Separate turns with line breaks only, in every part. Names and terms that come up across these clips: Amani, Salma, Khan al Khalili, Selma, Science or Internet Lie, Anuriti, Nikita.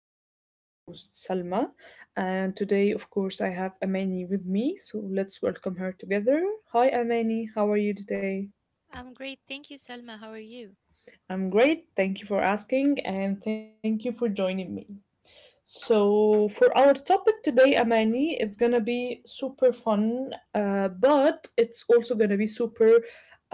This is your host Salma, and today, of course, I have Amani with me. So let's welcome her together. Hi, Amani. How are you today?
I'm great. Thank you, Selma. How are you?
I'm great. Thank you for asking, and thank you for joining me. So, for our topic today, Amani, it's gonna be super fun, but it's also gonna be super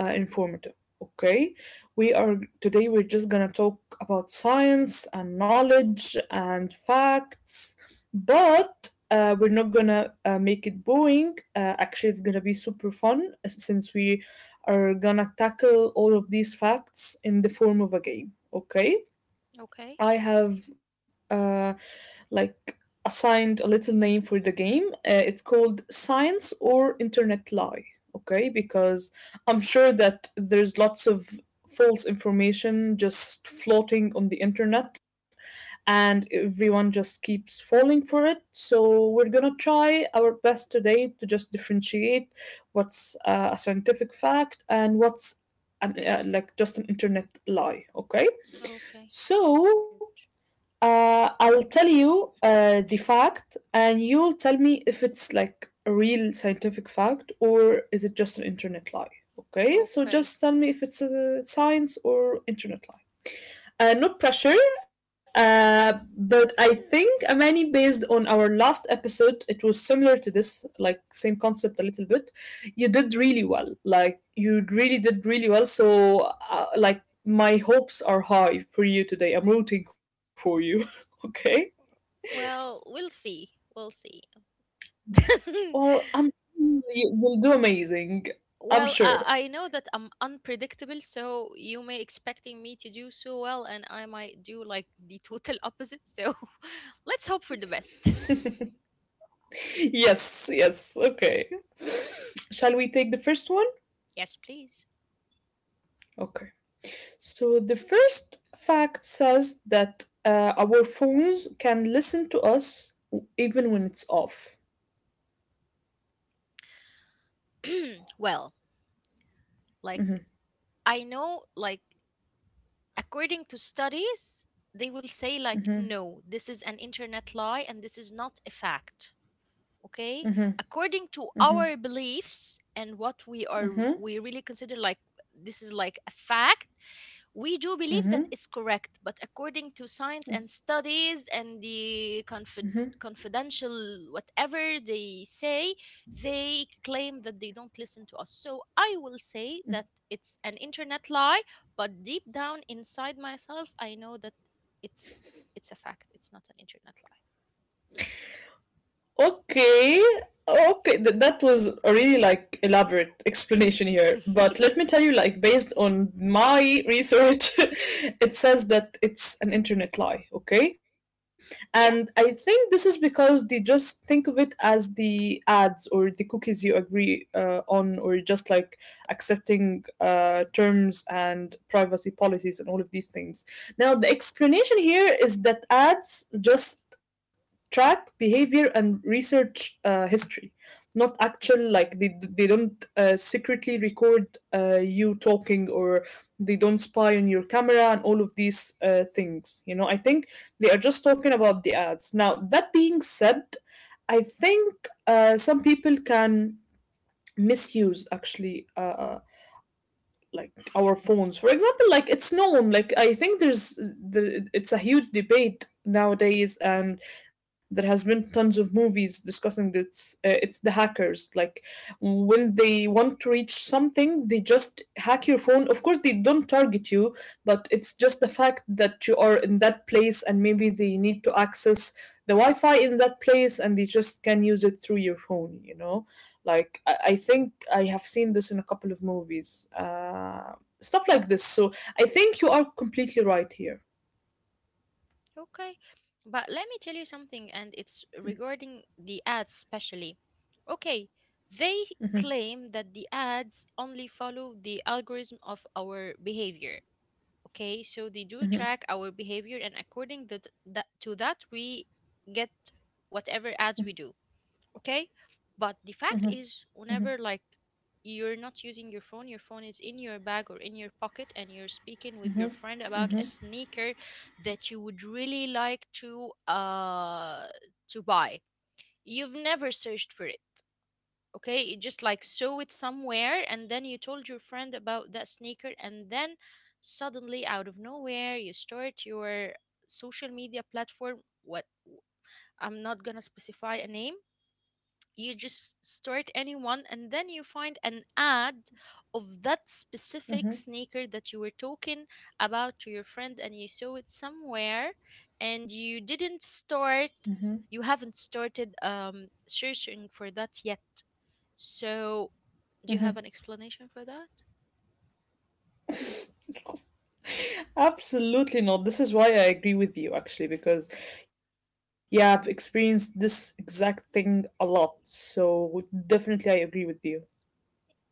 informative. Okay, we are today we're just gonna talk about science and knowledge and facts, but we're not gonna make it boring. Actually, it's gonna be super fun since we are gonna tackle all of these facts in the form of a game. Okay,
Okay.
I have uh, like assigned a little name for the game. It's called Science or Internet Lie. Okay, because I'm sure that there's lots of false information just floating on the internet, and everyone just keeps falling for it. So we're gonna try our best today to just differentiate what's a scientific fact and what's just an internet lie. Okay,
Okay.
so I'll tell you the fact, and you'll tell me if it's like a real scientific fact or is it just an internet lie. Okay, so
Okay.
just tell me if it's a science or internet lie. Not pressure, but I think Amani, based on our last episode, it was similar to this, like same concept a little bit. You did really well, like you really did really well. So, uh, like my hopes are high for you today. I'm rooting for you. Okay.
Well, we'll see. We'll see.
Well, I'm you will do amazing. I'm
well,
sure.
I know that I'm unpredictable, so you may expecting me to do so well, and I might do like the total opposite. So let's hope for the best.
Yes. Yes. Okay. Shall we take the first one?
Yes, please.
Okay. So the first fact says that our phones can listen to us even when it's off.
Well, like I know, like according to studies they will say like
Mhm,
no, this is an internet lie and this is not a fact. Okay,
mhm,
according to
mhm,
our beliefs and what we are
mhm.
we really consider like this is like a fact. We do believe that it's correct, but according to science and studies and the confidential whatever they say, they claim that they don't listen to us. So I will say that it's an internet lie, but deep down inside myself, I know that it's it's a fact. It's not an internet lie.
Okay. Okay, that was a really like elaborate explanation here. But let me tell you, like based on my research, it says that it's an internet lie. Okay,
Yeah.
and I think this is because they just think of it as the ads or the cookies you agree on, or just like accepting terms and privacy policies and all of these things. Now the explanation here is that ads just track behavior and research history, not actual, like they don't secretly record you talking, or they don't spy on your camera and all of these things. I think they are just talking about the ads. Now that being said, I think some people can misuse actually, our phones, for example. Like it's known, like I think there's the it's a huge debate nowadays, and there has been tons of movies discussing this. It's the hackers, like when they want to reach something, they just hack your phone. Of course, they don't target you, but it's just the fact that you are in that place, and maybe they need to access the wi-fi in that place, and they just can use it through your phone. Like I think I have seen this in a couple of movies, stuff like this. So I think you are completely right here.
Okay, but let me tell you something, and it's regarding the ads, especially. Okay, they claim that the ads only follow the algorithm of our behavior. Okay, so they do track our behavior, and according to that, we get whatever ads we do. Okay, but the fact is whenever like you're not using your phone, your phone is in your bag or in your pocket, and you're speaking with your friend about a sneaker that you would really like to buy. You've never searched for it. Okay, you just like saw it somewhere and then you told your friend about that sneaker, and then suddenly out of nowhere you start your social media platform. What, I'm not gonna specify a name, you just start anyone and then you find an ad of that specific
Mhm.
sneaker that you were talking about to your friend, and you saw it somewhere and you didn't start, you haven't started searching for that yet. So do you have an explanation for that?
Absolutely not. This is why I agree with you, actually, because yeah, I've experienced this exact thing a lot. So definitely, I agree with you.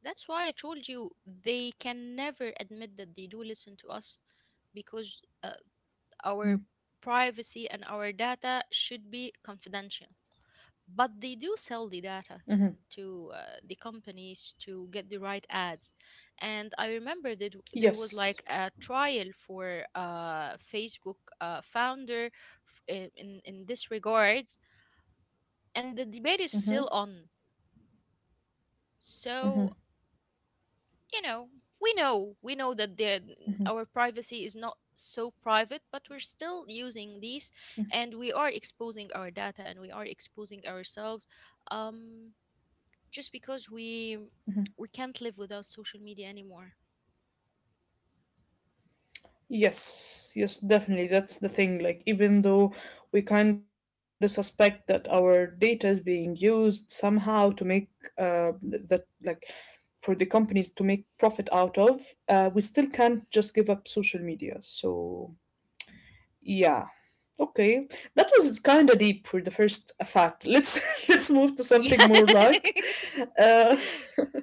That's why I told you they can never admit that they do listen to us, because our privacy and our data should be confidential, but they do sell the
Mm-hmm.
data to the companies to get the right ads. And I remember that there was
Yes.
like a trial for Facebook founder, in this regards, and the debate is still on. So you know, we know that our privacy is not so private, but we're still using these, and we are exposing our data and we are exposing ourselves, um just because we can't live without social media anymore.
Yes, yes, definitely. That's the thing. Like, even though we kind of suspect that our data is being used somehow to make that, like, for the companies to make profit out of, we still can't just give up social media. So, yeah. Okay, that was kind of deep for the first fact. Let's let's move to
Yeah.
something more light. Uh,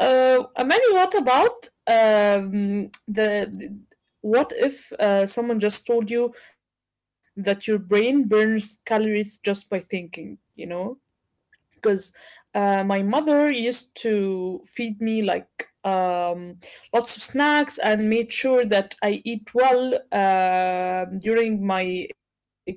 Amani, what about what if someone just told you that your brain burns calories just by thinking? You know, because my mother used to feed me like um, lots of snacks and made sure that I eat well during my exam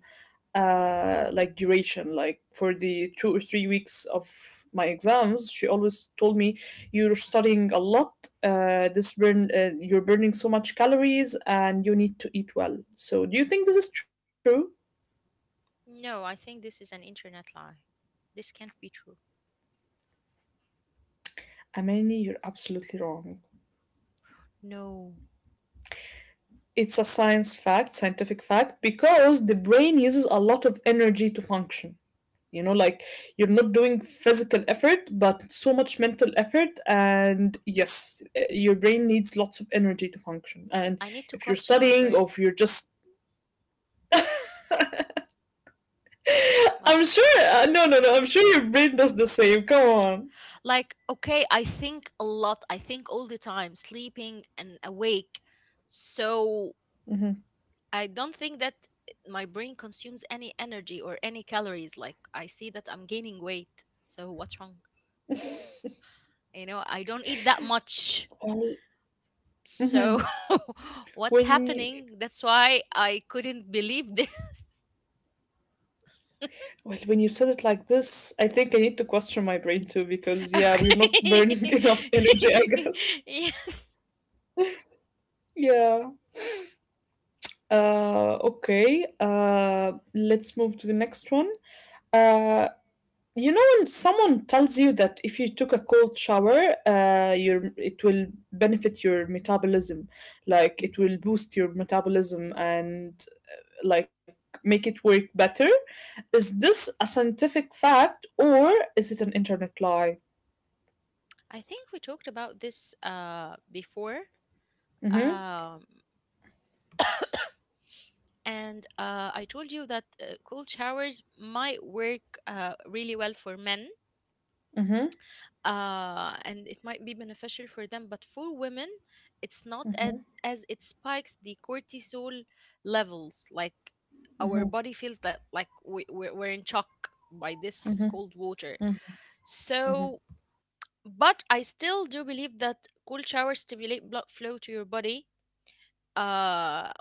like duration, like for the 2 or 3 weeks of my exams. She always told me you're studying a lot, this burn you're burning so much calories, and you need to eat well. So do you think this is true?
No, I think this is an internet lie. This can't be true.
Amani, you're absolutely wrong.
No.
It's a science fact, scientific fact, because the brain uses a lot of energy to function. You know, like you're not doing physical effort but so much mental effort, and yes, your brain needs lots of energy to function. And
I need to
if you're
question my
studying, or
brain.
if you're just I'm
Like
sure no no no I'm sure your brain does the same, come on.
like okay, I think a lot. I think all the time, sleeping and awake. So
Mhm.
I don't think that my brain consumes any energy or any calories. Like I see that I'm gaining weight. So what's wrong? You know, I don't eat that much.
well
So, what's
when you,
happening? That's why I couldn't believe this.
well, when you said it like this, I think I need to question my brain too, because yeah, we're not burning
Okay.
enough energy, I guess.
Yes.
Yeah. Okay, let's move to the next one. uh You know when someone tells you that if you took a cold shower, your it will benefit your metabolism, like it will boost your metabolism and make it work better. Is this a scientific fact or is it an internet lie?
I think we talked about this before.
Mm-hmm.
Um, and I told you that cold showers might work really well for men,
Mm-hmm.
and it might be beneficial for them. But for women, it's not at, as it spikes the cortisol levels. Like our body feels that like we're in shock by this cold water. So, but I still do believe that cold showers stimulate blood flow to your body. Uh,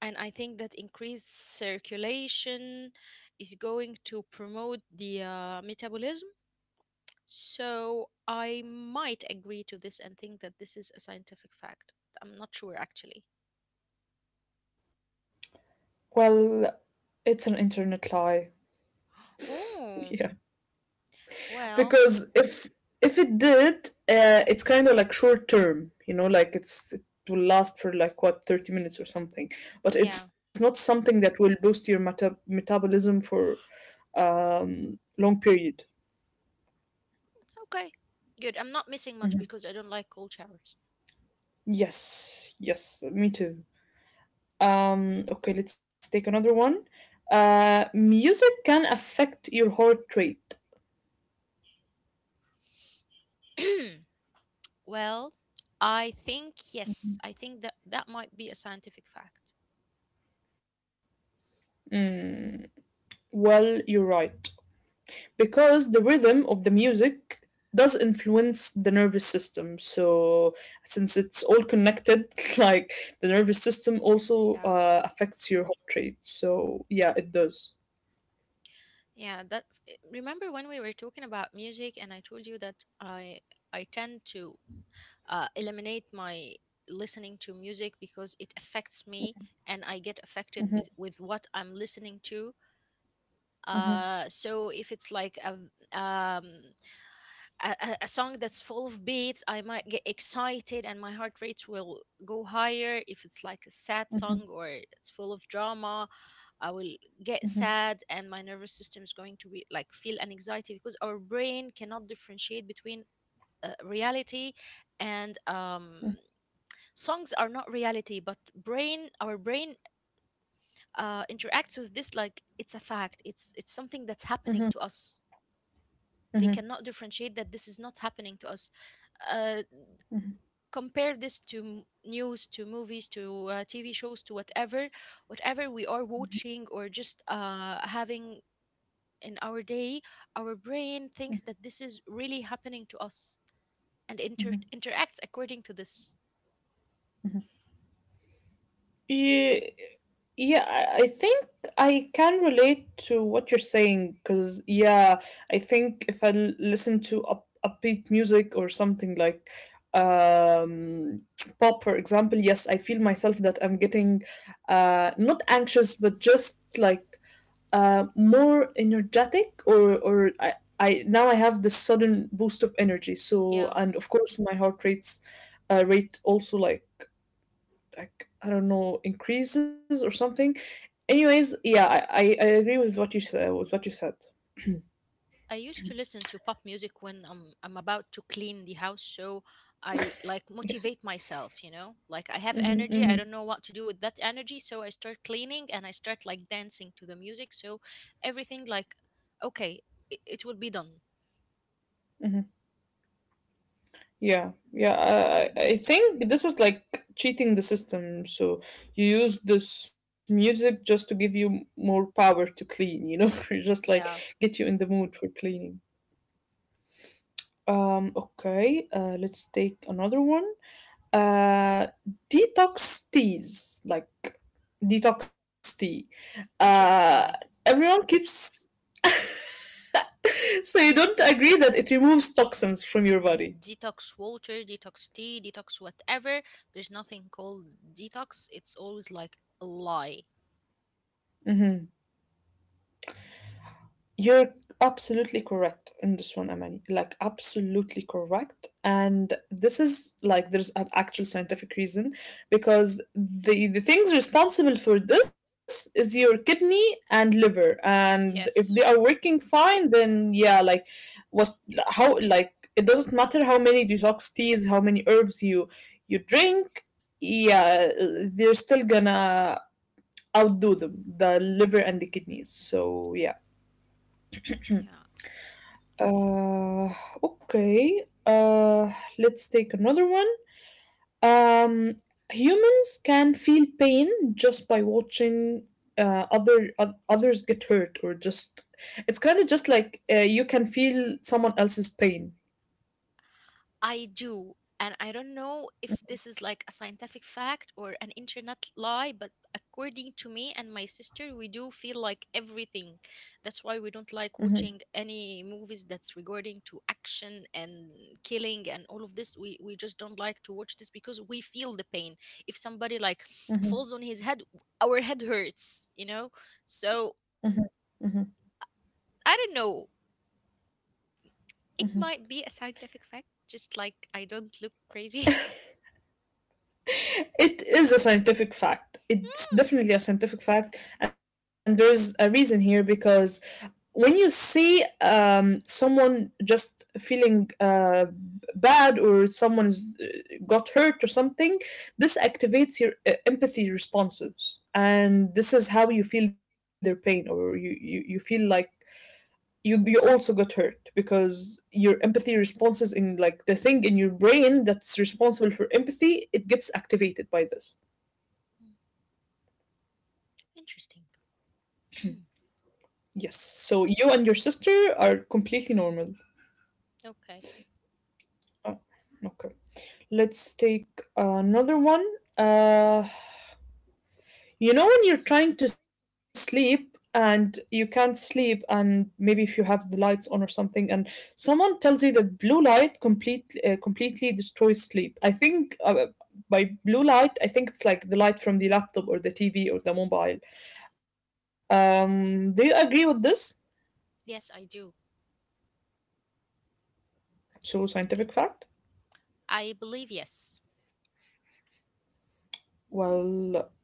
and I think that increased circulation is going to promote the metabolism, so I might agree to this and think that this is a scientific fact. I'm not sure actually.
Well, it's an internet lie.
Oh,
Yeah.
well,
Because if it did, it's kind of like short term, you know, like it will last for like what, 30 minutes or something,
yeah.
but it's not something that will boost your metabolism for long period.
Okay. Good. I'm not missing much
Mhm.
because I don't like cold showers.
Yes, yes, me too. Okay, let's take another one. Music can affect your heart rate.
Well, I think yes. I think that that might be a scientific fact.
Mm, well, you're right, because the rhythm of the music does influence the nervous system, so since it's all connected, like the nervous system also
Yeah.
affects your heart rate, so yeah, it does.
Yeah, that, remember when we were talking about music and I told you that I tend to eliminate my listening to music because it affects me and I get affected
Mhm,
with what I'm listening to.
mhm,
So if it's like um, a song that's full of beats, I might get excited and my heart rate will go higher. If it's like a sad
mhm,
song or it's full of drama, I will get
mhm,
sad and my nervous system is going to be like feel an anxiety, because our brain cannot differentiate between reality and
mhm,
songs are not reality, but brain our brain interacts with this like it's a fact, it's something that's
mhm,
happening to us.
mhm.
They cannot differentiate that this is not happening to us. uh, compare this to news, to movies, to TV shows, to whatever we are watching or just having in our day. Our brain thinks that this is really happening to us, and interacts according to this.
Yeah, yeah, I think I can relate to what you're saying, because yeah, I think if I listen to up upbeat music or something, like um, pop, for example, yes, I feel myself that I'm getting not anxious, but just like more energetic, I now I have this sudden boost of energy. So,
Yeah,
and of course, my heart rate also, like I don't know, increases or something. Anyways, yeah, I agree with what you said. Hmm,
I used to listen to pop music when I'm about to clean the house, so I like motivate myself, you know? Like I have energy, I don't
hmm,
know what to do with that energy, so I start cleaning and I start like dancing to the music, so everything like, okay, it will be done.
hmm. Yeah, yeah. I think this is like cheating the system. So you use this music just to give you more power to clean. You know, you just like
Yeah,
get you in the mood for cleaning. Okay. Let's take another one. uh Detox teas, like detox tea.
internet
uh
lie.
Everyone keeps so you don't agree that it removes toxins from your body?
Detox water, detox tea, detox whatever. There's nothing called detox. It's always like a lie.
Mhm. You're absolutely correct in this one, Amani. Like, absolutely correct. And this is like there's an actual scientific reason, because the things responsible for this is your kidney and liver. And if they are
Yes.
working fine, then yeah, like what how like it doesn't matter how many detox teas, how many herbs you drink, yeah, they're still gonna outdo them, the liver and the kidneys. So yeah.
Yeah.
Uh, okay. Let's take another one. Um, humans can feel pain just by watching others get hurt, or just it's kind of just like you can feel someone else's pain.
I do. And I don't know if this is like a scientific fact or an internet lie, but according to me and my sister, we do feel like everything. That's why we don't like
Mm-hmm,
watching any movies that's regarding to action and killing and all of this. We just don't like to watch this because we feel the pain. If somebody like
mm-hmm,
falls on his head, our head hurts, you know? So
mm-hmm, mm-hmm,
I don't know.
mm-hmm.
It might be a scientific fact, just like I don't look crazy.
It is a scientific fact. It's
Hmm,
definitely a scientific fact, and there's a reason here, because when you see someone just feeling bad, or someone is, got hurt or something, this activates your empathy responses, and this is how you feel their pain, or you feel like you also got hurt, because your empathy responses in like the thing in your brain that's responsible for empathy, it gets activated by this.
interesting.
Yes. So you and your sister are completely normal.
Okay.
Uh, okay. Let's take another one. Uh, you know when you're trying to sleep and you can't sleep, and maybe if you have the lights on or something, and someone tells you that blue light completely destroys sleep. I think by blue light, I think it's like the light from the laptop or the TV or the mobile. Do you agree with this?
Yes, I do.
So
I
scientific fact.
I believe yes.
Well,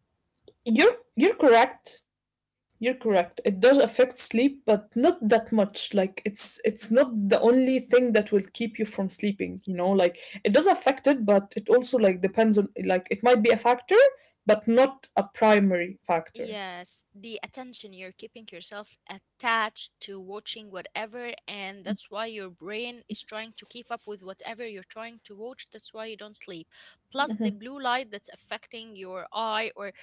you're correct. You're correct. It does affect sleep, but not that much. Like it's not the only thing that will keep you from sleeping, you know? Like it does affect it, but it also like depends on, like it might be a factor, but not a primary factor.
Yes, the attention you're keeping yourself attached to watching whatever, and that's why your brain is trying to keep up with whatever you're trying to watch. That's why you don't sleep. Plus,
Mm-hmm,
the blue light that's affecting your eye or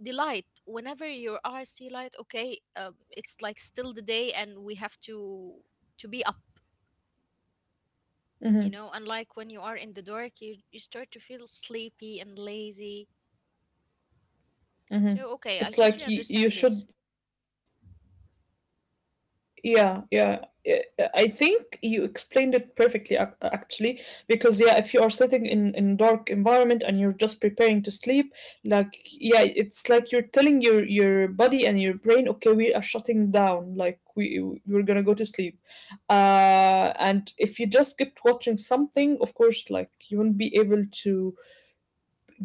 the light. Whenever your eyes see light, okay, it's like still the day, and we have to be up,
mm-hmm,
you know. Unlike when you are in the dark, you start to feel sleepy and lazy.
mm-hmm.
So, okay, I
It's
totally
like you
understand this.
should Yeah, yeah. I think you explained it perfectly, actually, because yeah, if you are sitting in dark environment and you're just preparing to sleep, like yeah, it's like you're telling your body and your brain, okay, we are shutting down, like we're gonna go to sleep. And if you just kept watching something, of course, like you won't be able to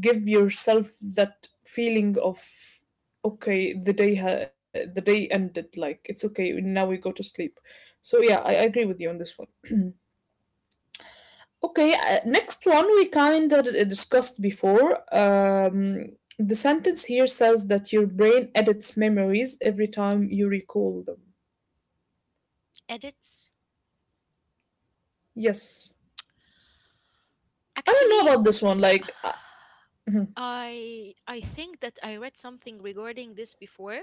give yourself that feeling of okay the the day ended, like it's okay now we go to sleep. So yeah, I agree with you on this one. Okay, next one we kind of discussed before. Um, the sentence here says that your brain edits memories every time you recall them.
Edits.
Yes. I don't know
Actually,
about this one, like mhm,
I think that I read something regarding this before,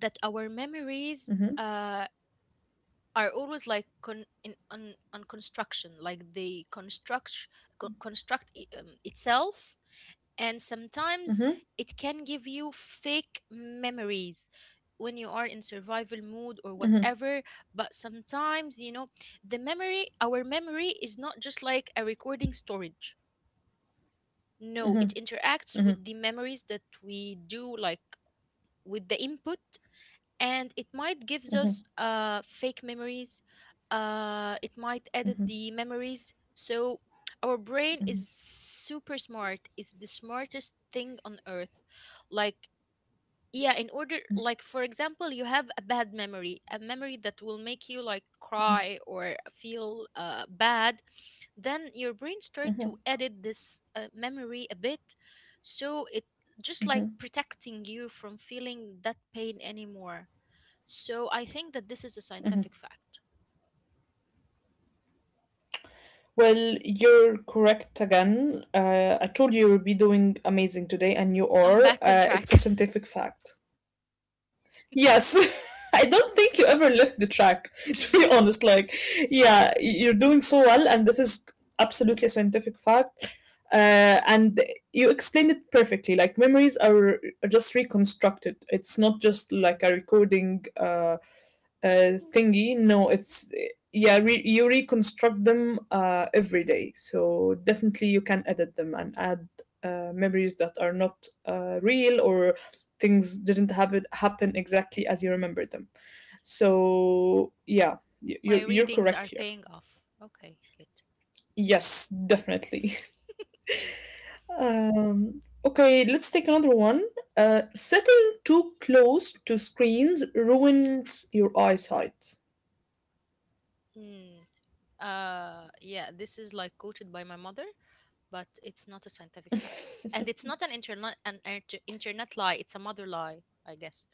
that our
mhm,
memories uh are always like con in on construction, like they construct itself, and sometimes
mhm,
it can give you fake memories when you are in survival
mhm,
mood or whatever. But sometimes you know, the memory our memory is not just like a recording storage, no,
mhm,
it interacts
mhm,
with the memories that we do, like with the input, and it might gives
mhm,
us fake memories, it might edit
mhm,
the memories. So our brain is super smart, it's the smartest thing on earth. Like yeah, in order, like for example you have a bad memory, a memory that will make you like cry or feel bad, then your brain start to
mhm,
edit this memory a bit, so it just like protecting you from feeling that pain anymore. So I think that this is a scientific fact.
well, you're correct again. I told you you'll be doing amazing today, and you
I'm
are.
back on track.
It's a scientific fact. Yes. I don't think you ever left the track, to be honest. Like, yeah, you're doing so well, and this is absolutely a scientific fact. And you explained it perfectly. Like, memories are just reconstructed, it's not just like a recording. Thingy. No, it's yeah. You reconstruct them every day, so definitely you can edit them and add memories that are not real, or things didn't have it happen exactly as you remember them. So yeah,
My
you're
readings
correct
are
here.
paying off. Okay, good.
Yes, definitely. Okay, let's take another one. Sitting too close to screens ruins your eyesight.
Mm, yeah, this is like quoted by my mother, but it's not a scientific fact. And it's not an internet lie, it's a mother lie, I guess.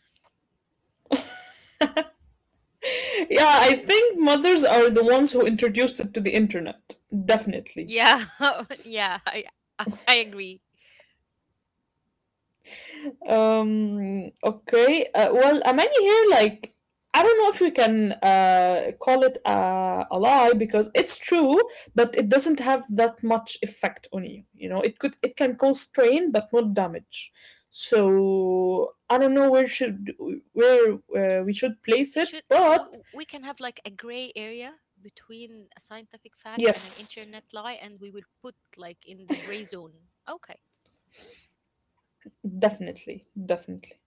Yeah, I think mothers are the ones who introduced it to the internet. Definitely.
Yeah. Yeah, I agree.
Okay. Well, Amani here, like, I don't know if we can call it a lie because it's true, but it doesn't have that much effect on you. You know, it could it can cause strain but not damage. So I don't know where should where we should
So
place
it
it,
should,
but
we can have like a gray area between a scientific fact and an
yes,
internet lie, and we will put like in the gray zone. Okay.
definitely, definitely.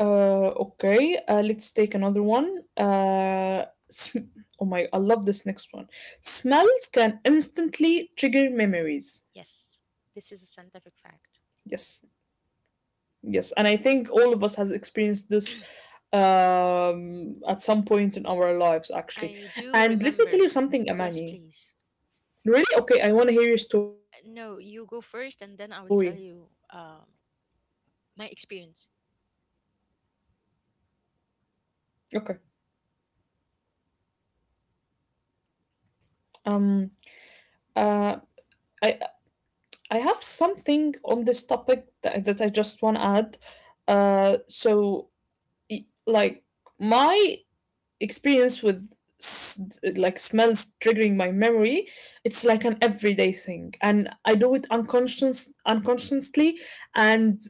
Okay, let's take another one. Oh my, I love this next one. Smells can instantly trigger memories.
Yes, this is a scientific fact.
Yes, yes, and I think all of us has experienced this at some point in our lives, actually.
I do
And let me tell you
remember.
something,
Yes,
Amani.
please.
Really? Okay, I want to hear your story.
No, you go first and then I will tell you my experience.
Okay. Um. Uh. I I have something on this topic that I just want to add. So like my experience with s- like smells triggering my memory, it's like an everyday thing, and I do it unconsciously and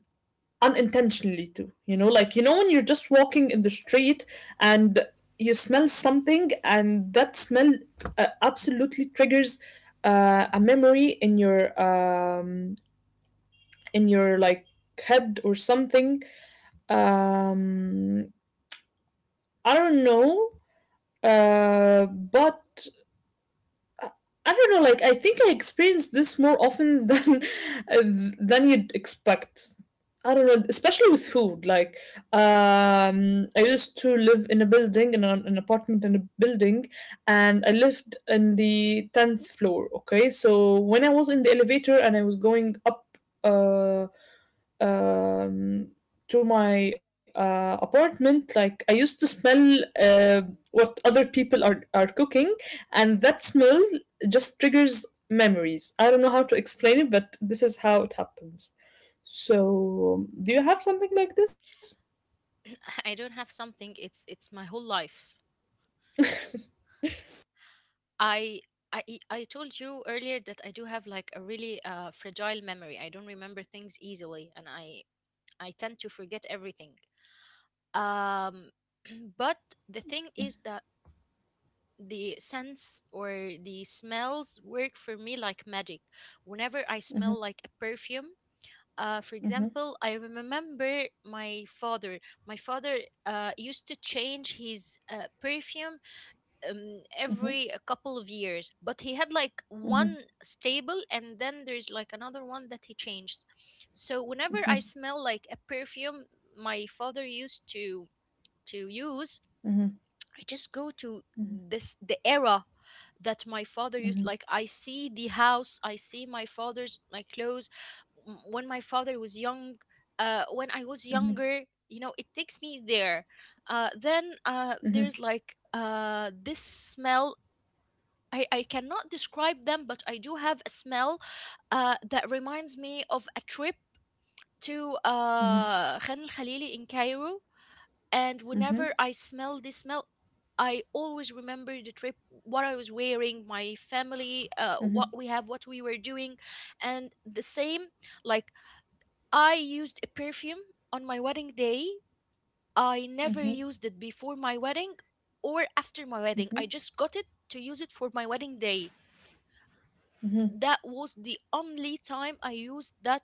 unintentionally too, you know, like you know when you're just walking in the street and you smell something and that smell absolutely triggers a memory in your like head or something. um I don't know, but I I don't know. Like I think I experience this more often than than you'd expect. I don't know, especially with food. Like I used to live in a building, in an apartment in a building, and I lived in the tenth floor. Okay, so when I was in the elevator and I was going up. Uh, um, to my apartment, like I used to smell what other people are cooking, and that smell just triggers memories. I don't know how to explain it, but this is how it happens. So, do you have something like this?
I don't have something, it's my whole life. I I, e, I told you earlier that I do have like a really fragile memory. I don't remember things easily, and I tend to forget everything. Um, but the thing is that the scents or the smells work for me like magic. Whenever I smell
Mhm,
like a perfume, for
mhm,
example, I remember my father. My father used to change his perfume
mhm,
every a couple of years, but he had like
mhm,
one stable and then there's like another one that he changed. So whenever I smell like a perfume my father used to use,
mhm, mhm,
I just go to this the era that my father used. Like, I see the house, I see my father's my clothes when my father was young, when I was younger. It takes me there. Then
mhm,
there's like this smell. I cannot describe them, but I do have a smell that reminds me of a trip to
mhm,
Khan al Khalili in Cairo. And whenever
mhm,
I smell this smell, I always remember the trip, what I was wearing, my family, what we have, what we were doing. And the same, like, I used a perfume on my wedding day. I never
mhm,
used it before my wedding or after my wedding. I
mhm,
just got it to use it for my wedding day.
mhm, mhm,
That
mhm,
was the only time I used that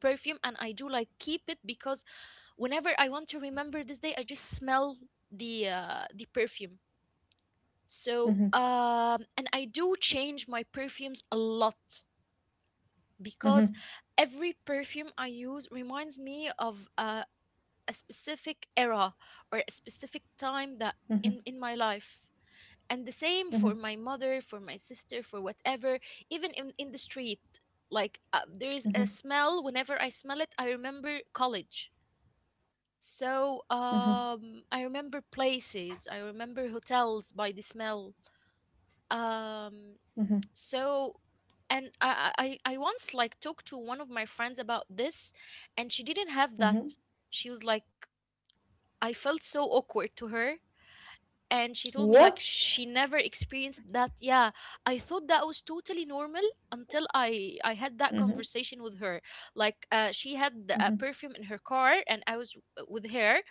perfume, and I do like keep it because whenever I want to remember this day I just smell the perfume. So
mhm,
and I do change my perfumes a lot, because every perfume I use reminds me of a specific era or a specific time that in my life. And the same for my mother, for my sister, for whatever. Even in the street, like, there is a smell. Whenever I smell it I remember college. So
mhm, mhm,
I remember places, I remember hotels by the smell. um
mhm,
so and I once like talked to one of my friends about this, and she didn't have that.
mhm.
She was like, I felt so awkward to her, and she told
What?
me like she never experienced that. Yeah, I thought that was totally normal until I had that
Mhm,
conversation with her. Like, she had a
mhm,
perfume in her car, and I was with her,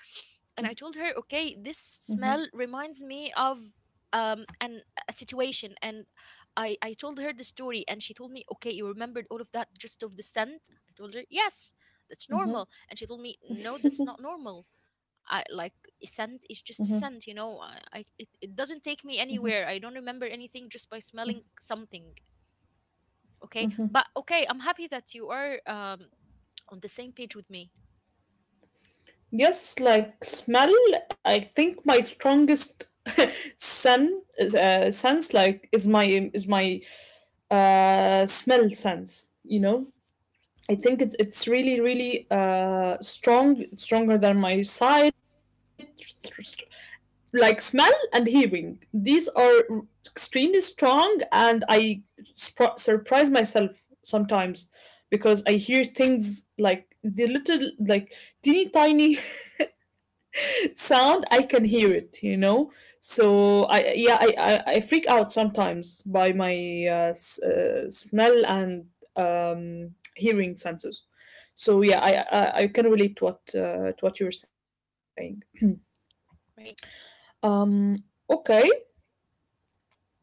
and I told her, okay, this
mhm,
smell reminds me of an a situation. And I told her the story, and she told me, okay, you remembered all of that just of the scent. I told her yes, that's
mhm,
normal. And she told me, no, that's not normal. I like scent
Mhm,
is just a scent. I it doesn't take me
mhm,
anywhere. I don't remember anything just by smelling something. Okay,
mhm.
but okay, I'm happy that you are on the same page with me.
Yes, like smell. I think my strongest sen sense like is my smell sense. You know, I think it's really strong, stronger than my sight, like smell and hearing, these are extremely strong, and I surprise myself sometimes because I hear things like the little like teeny tiny sound, I can hear it, you know.
Yeah,
So I yeah I I freak out sometimes by my smell and hearing senses. So yeah I can relate to what you were saying.
great.
um okay.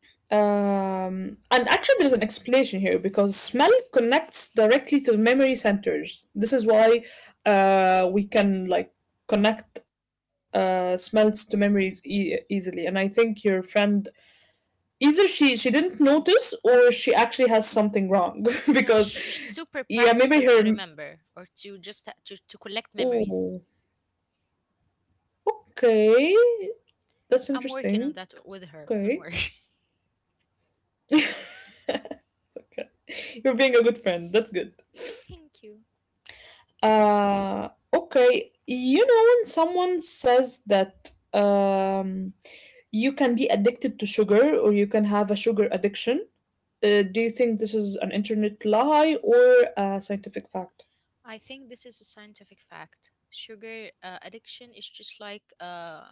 And actually, there's an explanation here because smell connects directly to memory centers. This is why we can like connect smells to memories easily. And I think your friend, either she didn't notice or she actually has something wrong
No,
because
she's super
yeah, maybe
practical
her.
to remember or to just to collect memories.
Oh, okay, that's
I'm working on
interesting.
that with her. Don't
Okay.
worry.
Okay. You're being a good friend. That's good. Okay. You know, when someone says that you can be addicted to sugar or you can have a sugar addiction, do you think this is an internet lie or a scientific fact?
I think this is a scientific fact. Sugar addiction is just like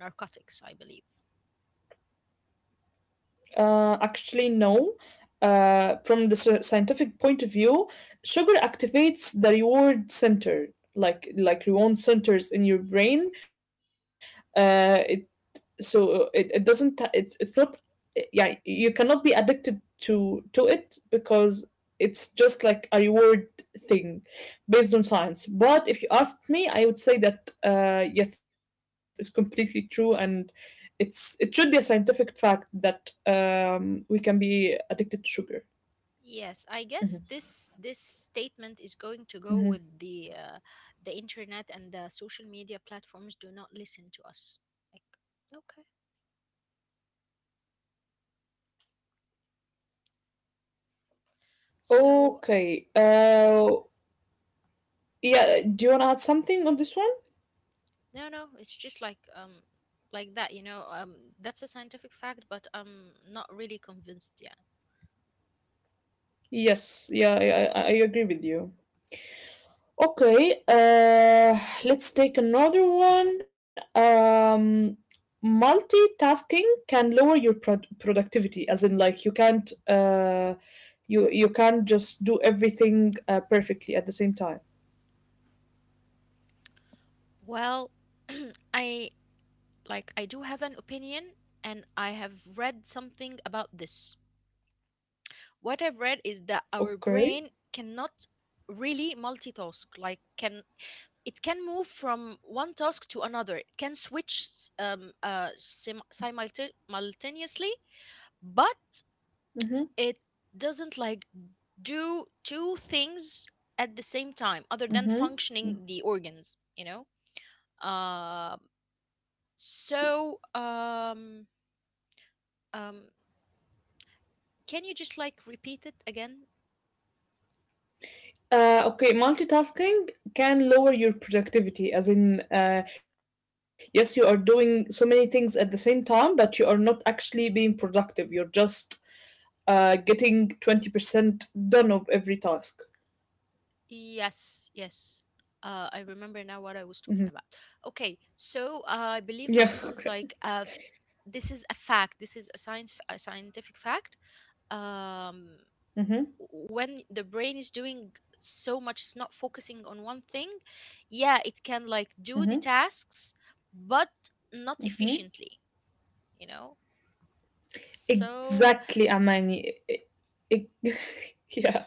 narcotics, I believe.
Actually, no. From the scientific point of view, sugar activates the reward center, like reward centers in your brain. Uh, so it doesn't t- it's not yeah, you cannot be addicted to it because it's just like a reward thing based on science. But if you asked me, I would say that yes, it's completely true, and it's it should be a scientific fact that we can be addicted to sugar.
Yes, I
Mhm,
guess this statement is going to go
mhm.
with the internet and the social media platforms do not listen to us. Like, okay. So
Okay, yeah, do you want to add something on this one?
no, no, it's just like that, that's a scientific fact, but I'm not really convinced yet.
Yes, yeah, yeah, I agree with you. Okay, let's take another one. Multitasking can lower your productivity, as in like you can't you you can't just do everything perfectly at the same time.
Well, I, like, I do have an opinion, and I have read something about this. What I've read is that our
Okay.
brain cannot really multitask. Like, can it can move from one task to another? It can switch simultaneously, but
Mm-hmm.
it doesn't like do two things at the same time, other than
Mm-hmm.
functioning the organs. You know. Um.
Okay.
So um. Can you just like repeat it again?
Okay, multitasking can lower your productivity, as in, yes, you are doing so many things at the same time, but you are not actually being productive. You're just getting 20% done of every task.
Yes, yes. I remember now what I was talking
Mhm.
about. Okay, so I
Yeah,
believe that
okay.
this is a fact. This is a scientific fact. Um,
hmm
when the brain is doing so much, it's not focusing on one thing. Yeah, it can like do the
hmm
tasks, but not
hmm
efficiently. You know. So,
Exactly, Amani. E- yeah,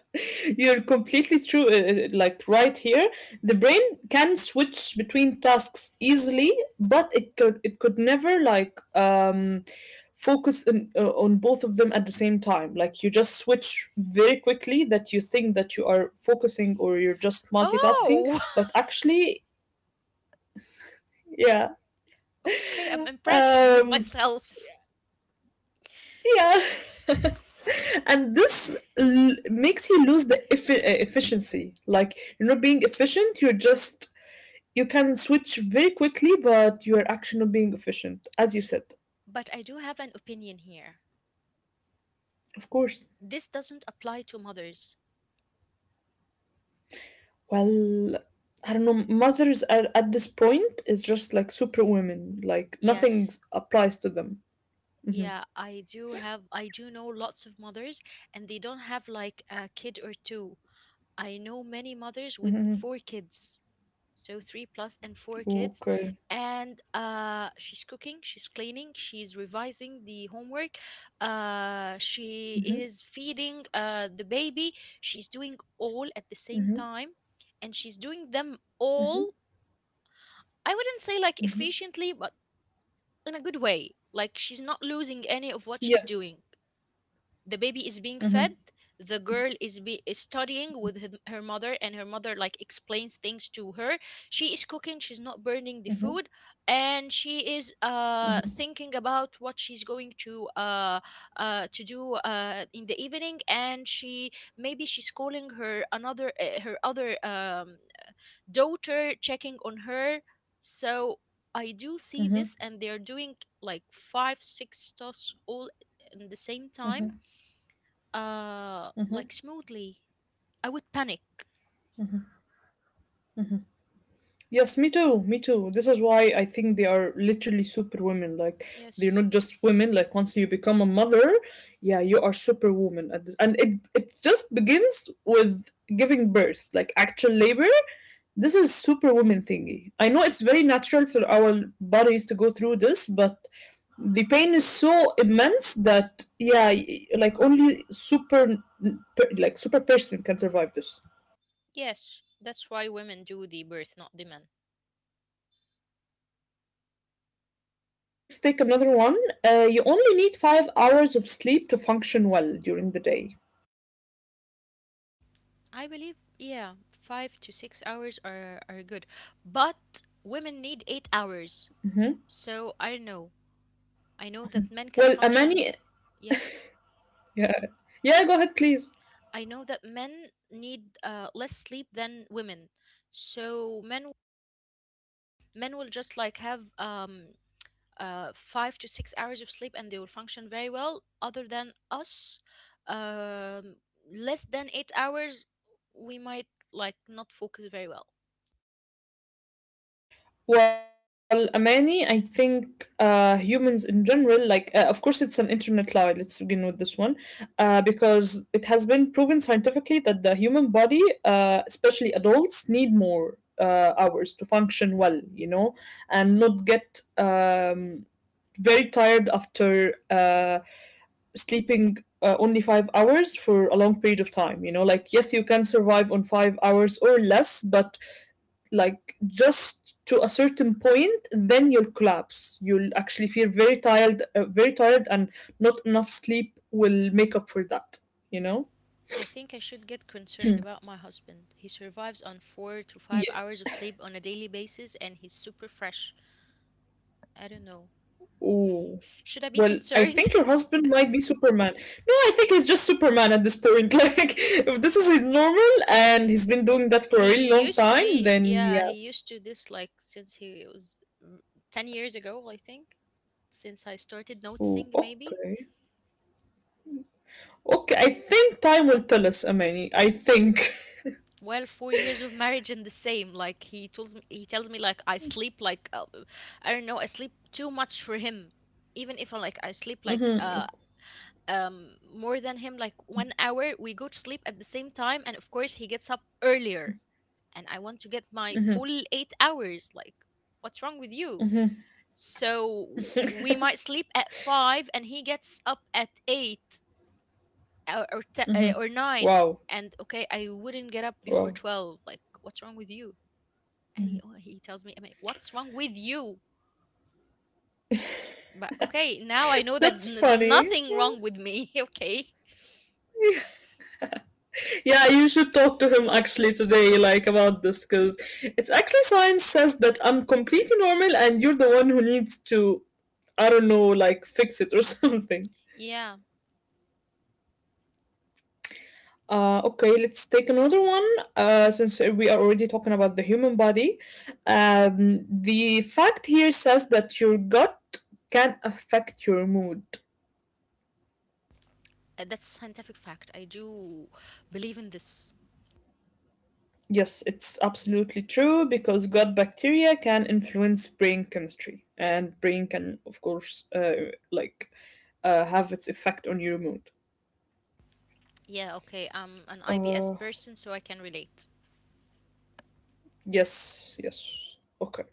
you're completely true. Like right here, the brain can switch between tasks easily, but it could never like focus on both of them at the same time. Like you just switch very quickly that you think that you are focusing or you're just multitasking,
oh,
but actually Yeah.
okay. I'm impressed with
Um,
myself.
yeah. And this makes you lose the efficiency. Like, you're not being efficient, you're just, you can switch very quickly, but you're actually not being efficient, as you said.
But I do have an opinion here.
Of course.
This doesn't apply to mothers.
Well, I don't know. Mothers are, at this point, is just like superwomen. Like, nothing
Yes.
applies to them. Mm-hmm.
Yeah, I do know lots of mothers, and they don't have like a kid or two. I know many mothers with
Mm-hmm.
four kids. So 3 plus and 4
Mm-hmm.
kids,
Okay.
and she's cooking, she's cleaning, she's revising the homework. She is feeding the baby. She's doing all at the same
Mm-hmm.
time, and she's doing them all. I wouldn't say like efficiently, but in a good way. Like, she's not losing any of what she's
Yes.
doing. The baby is being fed.
Mm-hmm.
The girl is studying with her, her mother, and her mother like explains things to her. She is cooking. She's not burning the food, and she is thinking about what she's going to do in the evening. And she maybe she's calling her another her other daughter, checking on her. So I do see this, and they're doing like five, six tasks all in the same time, like, smoothly. I would panic.
Yes, me too, me too. This is why I think they are literally superwomen. Like they're
Yes,
not just women. Like once you become a mother, yeah, you are superwoman. At this, and it just begins with giving birth, like actual labor. This is superwoman thingy. I know it's very natural for our bodies to go through this, but the pain is so immense that yeah, like only super like super person can survive this.
yes. That's why women do the birth, not the men.
Exactly. Okay, let's take another one. You only need 5 hours of sleep to function well during the day.
I believe, yeah, 5 to 6 hours are good, but women need eight
Hmm
hours. So I don't know. I know that men can
Well,
function.
Amani,
Yeah.
yeah, yeah, go ahead, please.
I know that men need less sleep than women, so men will just like have 5 to 6 hours of sleep, and they will function very well. Other than us, um, less than 8 hours, we might like not focus very well.
Well, Amani, I think humans in general, like, of course, it's an internet lie. Let's begin with this one, because it has been proven scientifically that the human body, especially adults, need more hours to function well, you know, and not get very tired after sleeping only 5 hours for a long period of time. You know, like, yes, you can survive on 5 hours or less, but like just to a certain point, then you'll collapse. You'll actually feel very tired, and not enough sleep will make up for that, you know?
I think I should get concerned about my husband. He survives on 4 to 5 hours of sleep on a daily basis, and he's super fresh. I don't know.
Oh,
Should I be
well, I
concerned?
think your husband might be Superman. No, I think he's just Superman at this point. Like, if this is his normal and he's been doing that for a really
He
long
used to
time,
be,
then
yeah,
yeah.
he used to this like since he was mm, 10 years ago, I think, since I started
Oh,
noticing maybe.
okay. Okay, I think time will tell us, Amani. I think.
Well, 4 years of marriage and the same. Like, he tells me like I sleep like I don't know, I sleep too much for him. Even if I sleep like
Mm-hmm,
more than him like 1 hour, we go to sleep at the same time, and of course he gets up earlier. And I want to get my
mm-hmm.
full 8 hours. Like, what's wrong with you? So we might sleep at 5, and he gets up at 8 or 9.
Wow.
And okay, I wouldn't get up before
Wow.
12. Like, what's wrong with you? And he, or he tells me, I mean, what's wrong with you? But okay, now I know that
That's funny.
nothing wrong with me. okay,
Yeah, you should talk to him actually today, like about this, because it's actually science says that I'm completely normal and you're the one who needs to, I don't know, like fix it or something.
yeah.
Okay, let's take another one. Since we are already talking about the human body, the fact here says that your gut can affect your mood.
That's scientific fact. I do believe in this.
Yes, it's absolutely true because gut bacteria can influence brain chemistry, and brain can, of course, like have its effect on your mood.
Yeah, okay, I'm an IBS
Uh,
person, so I can relate.
yes, yes. Okay.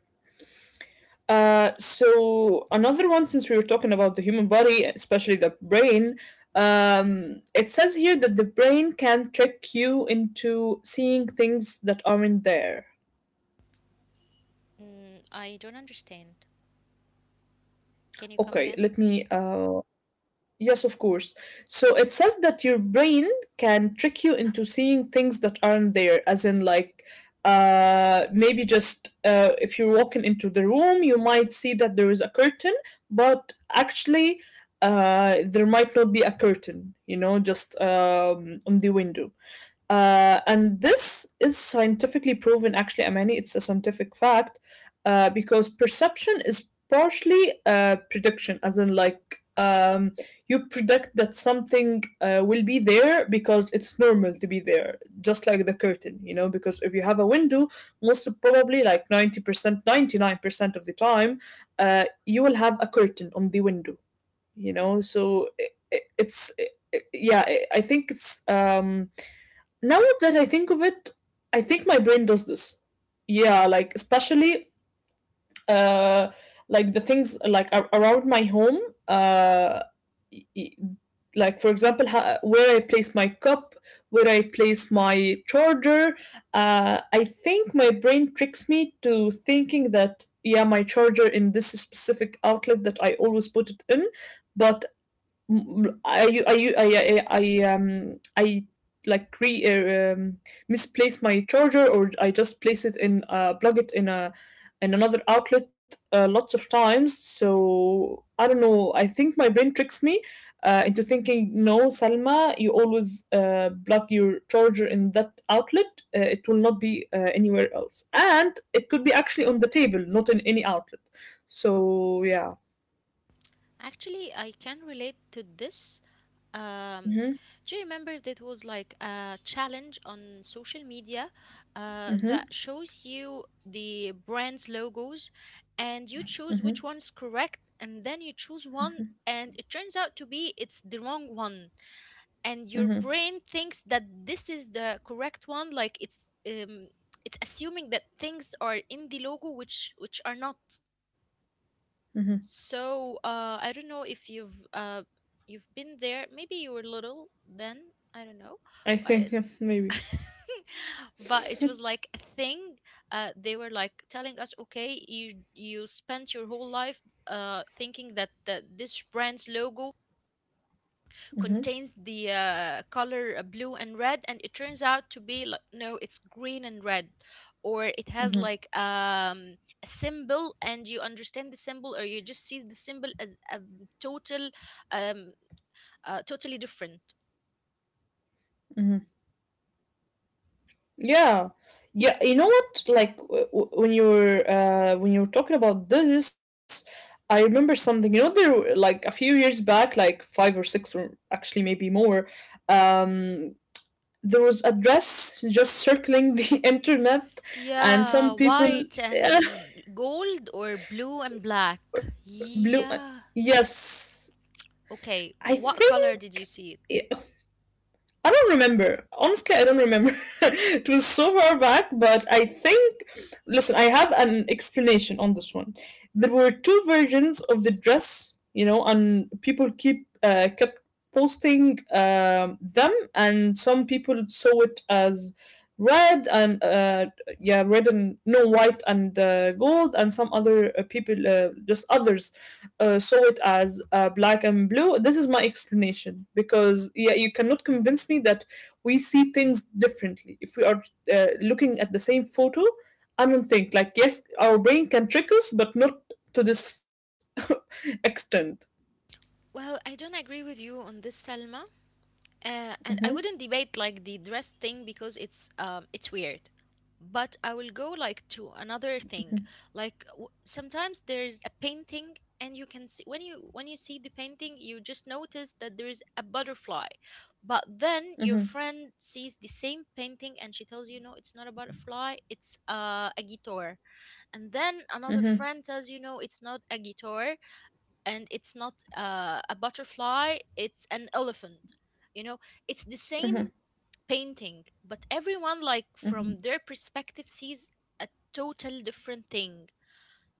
So another one, since we were talking about the human body, especially the brain, it says here that the brain can trick you into seeing things that aren't there.
Mm, I don't understand. Can you come
Okay,
again?
let me yes, of course. So it says that your brain can trick you into seeing things that aren't there, as in, like, maybe just if you're walking into the room, you might see that there is a curtain, but actually, there might not be a curtain, just on the window. And this is scientifically proven, actually, Amani. It's a scientific fact because perception is partially prediction, as in, like, you predict that something will be there because it's normal to be there, just like the curtain. Because if you have a window, most probably, like 90%, 99% of the time, you will have a curtain on the window. So I- it's, I Yeah, I think it's. Now that I think of it, I think my brain does this. Yeah, like especially uh like the things like around my home uh y- y- like for example where I place my cup, where I place my charger, I think my brain tricks me to thinking that yeah, my charger in this specific outlet that I always put it in, but I u- I u- I like re misplace my charger or I just place it in plug it in a in another outlet lots of times, so I don't know, I think my brain tricks me into thinking no, Salma, you always plug your charger in that outlet, it will not be anywhere else, and it could be actually on the table, not in any outlet. So yeah.
Actually, I can relate to this. Um,
Mm-hmm,
do you remember that was like a challenge on social media
mm-hmm,
that shows you the brand's logos, and you
mm-hmm,
choose which one is correct, and then you choose one and it turns out to be it's the wrong one, and your brain thinks that this is the correct one. Like, it's assuming that things are in the logo which are not.
mm-hmm.
So, I don't know if you've been there. Maybe you were little then. I don't know,
I
but
think
it,
maybe.
but it was like a thing. They were like telling us, okay, you spent your whole life thinking that this brand's logo
Hmm.
contains the color blue and red, and it turns out to be like, no, it's green and red. Or it has
Hmm.
like a symbol, and you understand the symbol, or you just see the symbol as a total um, totally different.
Hmm. Yeah, yeah. You know what? Like when you were talking about this, I remember something. There were, like, a few years back, like five or six, or actually maybe more. Um, there was a dress just circling the internet, and
Yeah,
some people
white and gold or blue and black.
blue.
Yeah.
Yes, I
Okay, what color
think.
did you see it?
I don't remember. Honestly, I don't remember. It was so far back, but I think. Listen, I have an explanation on this one. There were two versions of the dress, and people keep kept posting them, and some people saw it as red and yeah, red and no, white and gold, and some other people, just others, saw it as black and blue. This is my explanation because yeah, you cannot convince me that we see things differently. If we are looking at the same photo, I don't think, like, yes, our brain can trick us, but not to this extent.
Well, I don't agree with you on this, Selma. And I
Mhm,
wouldn't debate like the dress thing because it's weird. But I will go like to another thing.
mhm,
Like, sometimes there's a painting, and you can see when you see the painting you just notice that there is a butterfly. But then your
mhm,
friend sees the same painting, and she tells you no it's not a butterfly, it's a guitar. And then another friend tells you no it's not a guitar, and it's not a butterfly, it's an elephant. you know it's the
mhm,
same painting, but everyone like
mhm,
from their perspective sees a total different thing.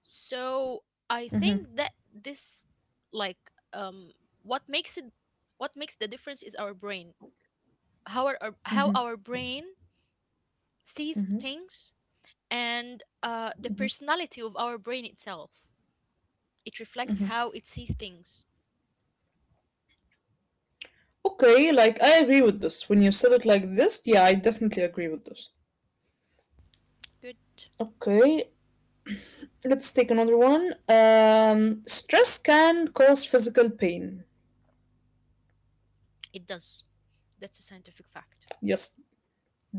So
mhm.
I think that this, like, what makes it what makes the difference is our brain, how our brain sees things, and the personality of our brain itself, it reflects how it sees things.
Okay, like, I agree with this. When you said it like this, yeah, I definitely agree with this.
Good.
Okay, let's take another one. Stress can cause physical pain.
It does. That's a scientific fact.
Yes,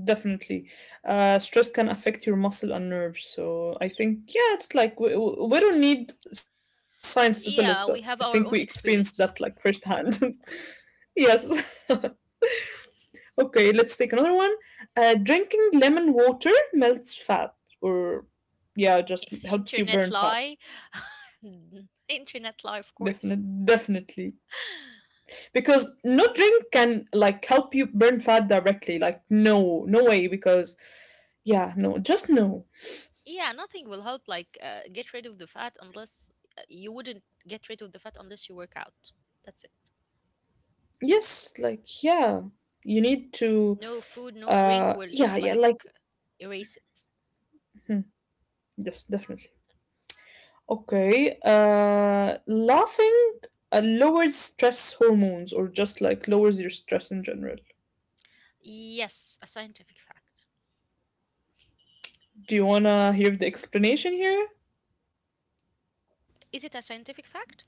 definitely. Stress can affect your muscle and nerves. So I think, yeah, it's like we don't need science to tell us that. I think
Yeah,
we
we have our
experienced
own
that, like,
experience,
firsthand.
of course.
Yes. Okay, let's take another one. Drinking lemon water melts fat, or yeah, just helps you burn
Internet
fat.
lie. Internet lie, of course.
Definitely. Because no drink can, like, help you burn fat directly. Like, no, no way. Because yeah, no, just no.
Yeah, nothing will help like get rid of the fat, unless you wouldn't get rid of the fat unless you work out. That's it.
Yes, like, yeah, you need to
No food, no drink will
yeah,
just
yeah,
like
like,
erase it.
mhm, yes, definitely. Okay, laughing lowers stress hormones or just, like, lowers your stress in general.
Yes, a scientific fact.
Do you want to hear the explanation here?
Is it a scientific fact?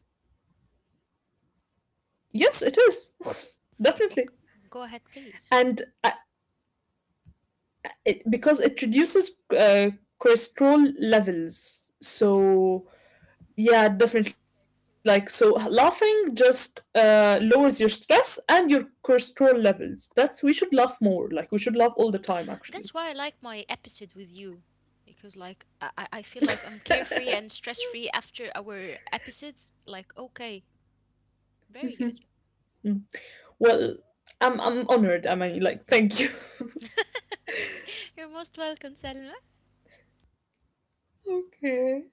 Yes, it is. Definitely.
Okay. Go ahead,
And
please.
uh, because it reduces uh, cholesterol levels. So yeah, definitely. Like, so laughing just lowers your stress and your cortisol levels. That's we should laugh more. Like, we should laugh all the time, actually.
That's why I like my episode with you, because like I feel like I'm carefree and stress free after our episodes. Like, okay,
Mhm.
very good.
Mm. Well, I'm honored. I mean, like, thank you.
You're most welcome, Selma.
Okay.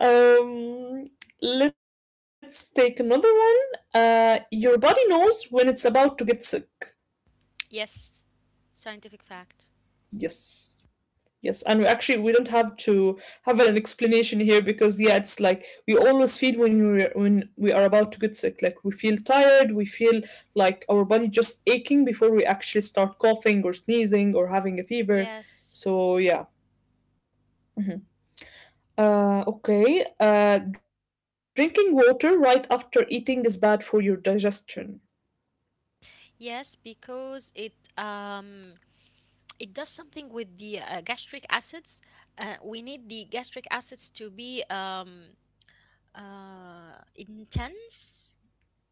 Um, let's take another one. Your body knows when it's about to get sick.
Yes, scientific fact.
Yes. Yes, and we actually, we don't have to have an explanation here because yeah, it's like we always feel when we are about to get sick, like we feel tired, we feel like our body just aching before we actually start coughing or sneezing or having a fever.
Yes,
So yeah. Mm-hmm. Okay. Drinking water right after eating is bad for your digestion.
yes, because it does something with the gastric acids. We need the gastric acids to be intense,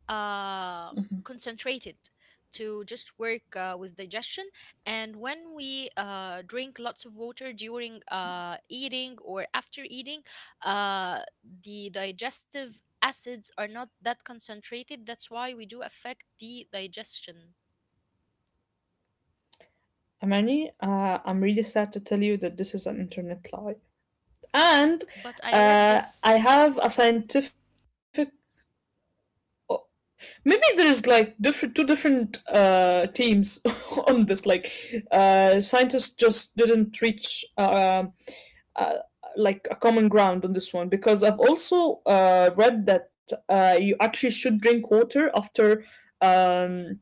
um,
Mm-hmm.
concentrated, to just work with digestion. And when we drink lots of water during eating or after eating, uh, the digestive acids are not that concentrated. That's why we do affect the digestion.
Amani, I'm really sad to tell you that this is an internet lie. And
But I read
uh,
this.
I have a scientific. Maybe there's, like, different two different teams on this. Like, scientists just didn't reach uh, like, a common ground on this one because I've also read that you actually should drink water after um,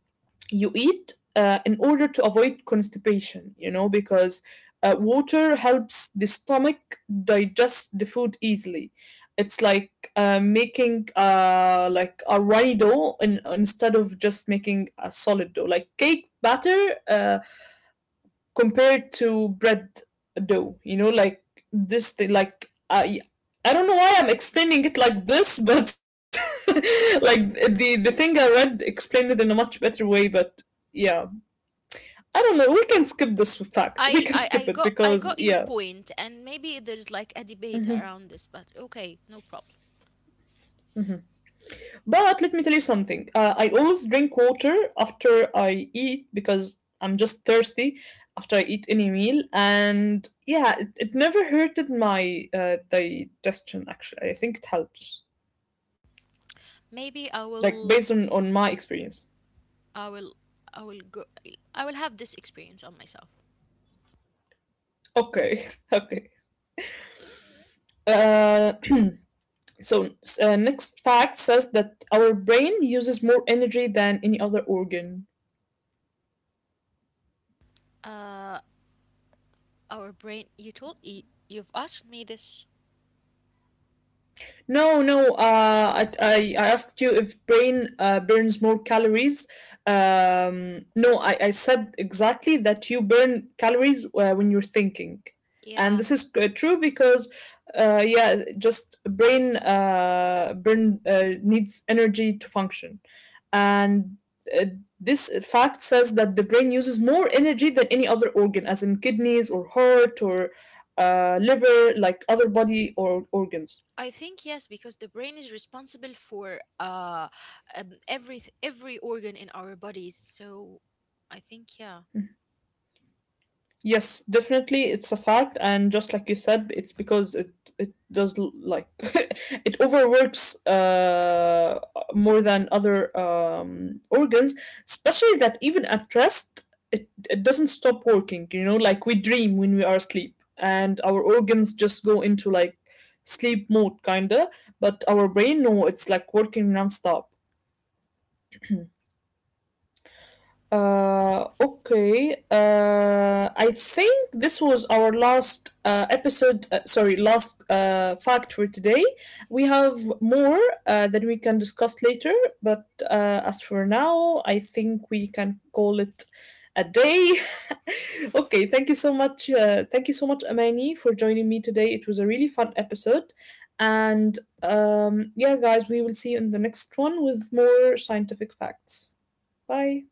you eat in order to avoid constipation, because water helps the stomach digest the food easily. It's like making like a runny instead of just making a solid dough, like cake batter compared to bread dough. You know, like, this thing, like I don't know why I'm explaining it like this, but like the thing I read explained it in a much better way. But yeah, I don't know. We can skip this fact. We can skip it
I
because
got your
yeah.
point, and maybe there's like a debate
Mhm.
around this, but okay, no problem.
But let me tell you something. I always drink water after I eat because I'm just thirsty after I eat any meal, and yeah, it never hurted my digestion. Actually, I think it helps.
Maybe I
Like,
will
based on my experience.
I will I will go I will have this experience on myself.
Okay, okay. Uh, so next fact says that our brain uses more energy than any other organ.
Uh our brain you've asked me this.
No, no. I asked you if brain burns more calories. No, I said exactly that you burn calories when you're thinking, and
Yeah,
this is true because, yeah, just brain burn needs energy to function, and uh, this fact says that the brain uses more energy than any other organ, as in kidneys or heart or liver, like, other body or organs.
I think yes, because the brain is responsible for every organ in our bodies. So I think yeah.
Yes, definitely, it's a fact, and just like you said, it's because it does like it overworks, more than other organs, especially that even at rest it doesn't stop working, like we dream when we are asleep and our organs just go into, like, sleep mode, kinda, but our brain, no, it's like working nonstop. Okay. I think this was our last episode. Sorry, last fact for today. We have more that we can discuss later, but as for now, I think we can call it a day. Okay. Thank you so much. Thank you so much, Amani, for joining me today. It was a really fun episode, and yeah, guys, we will see you in the next one with more scientific facts. Bye.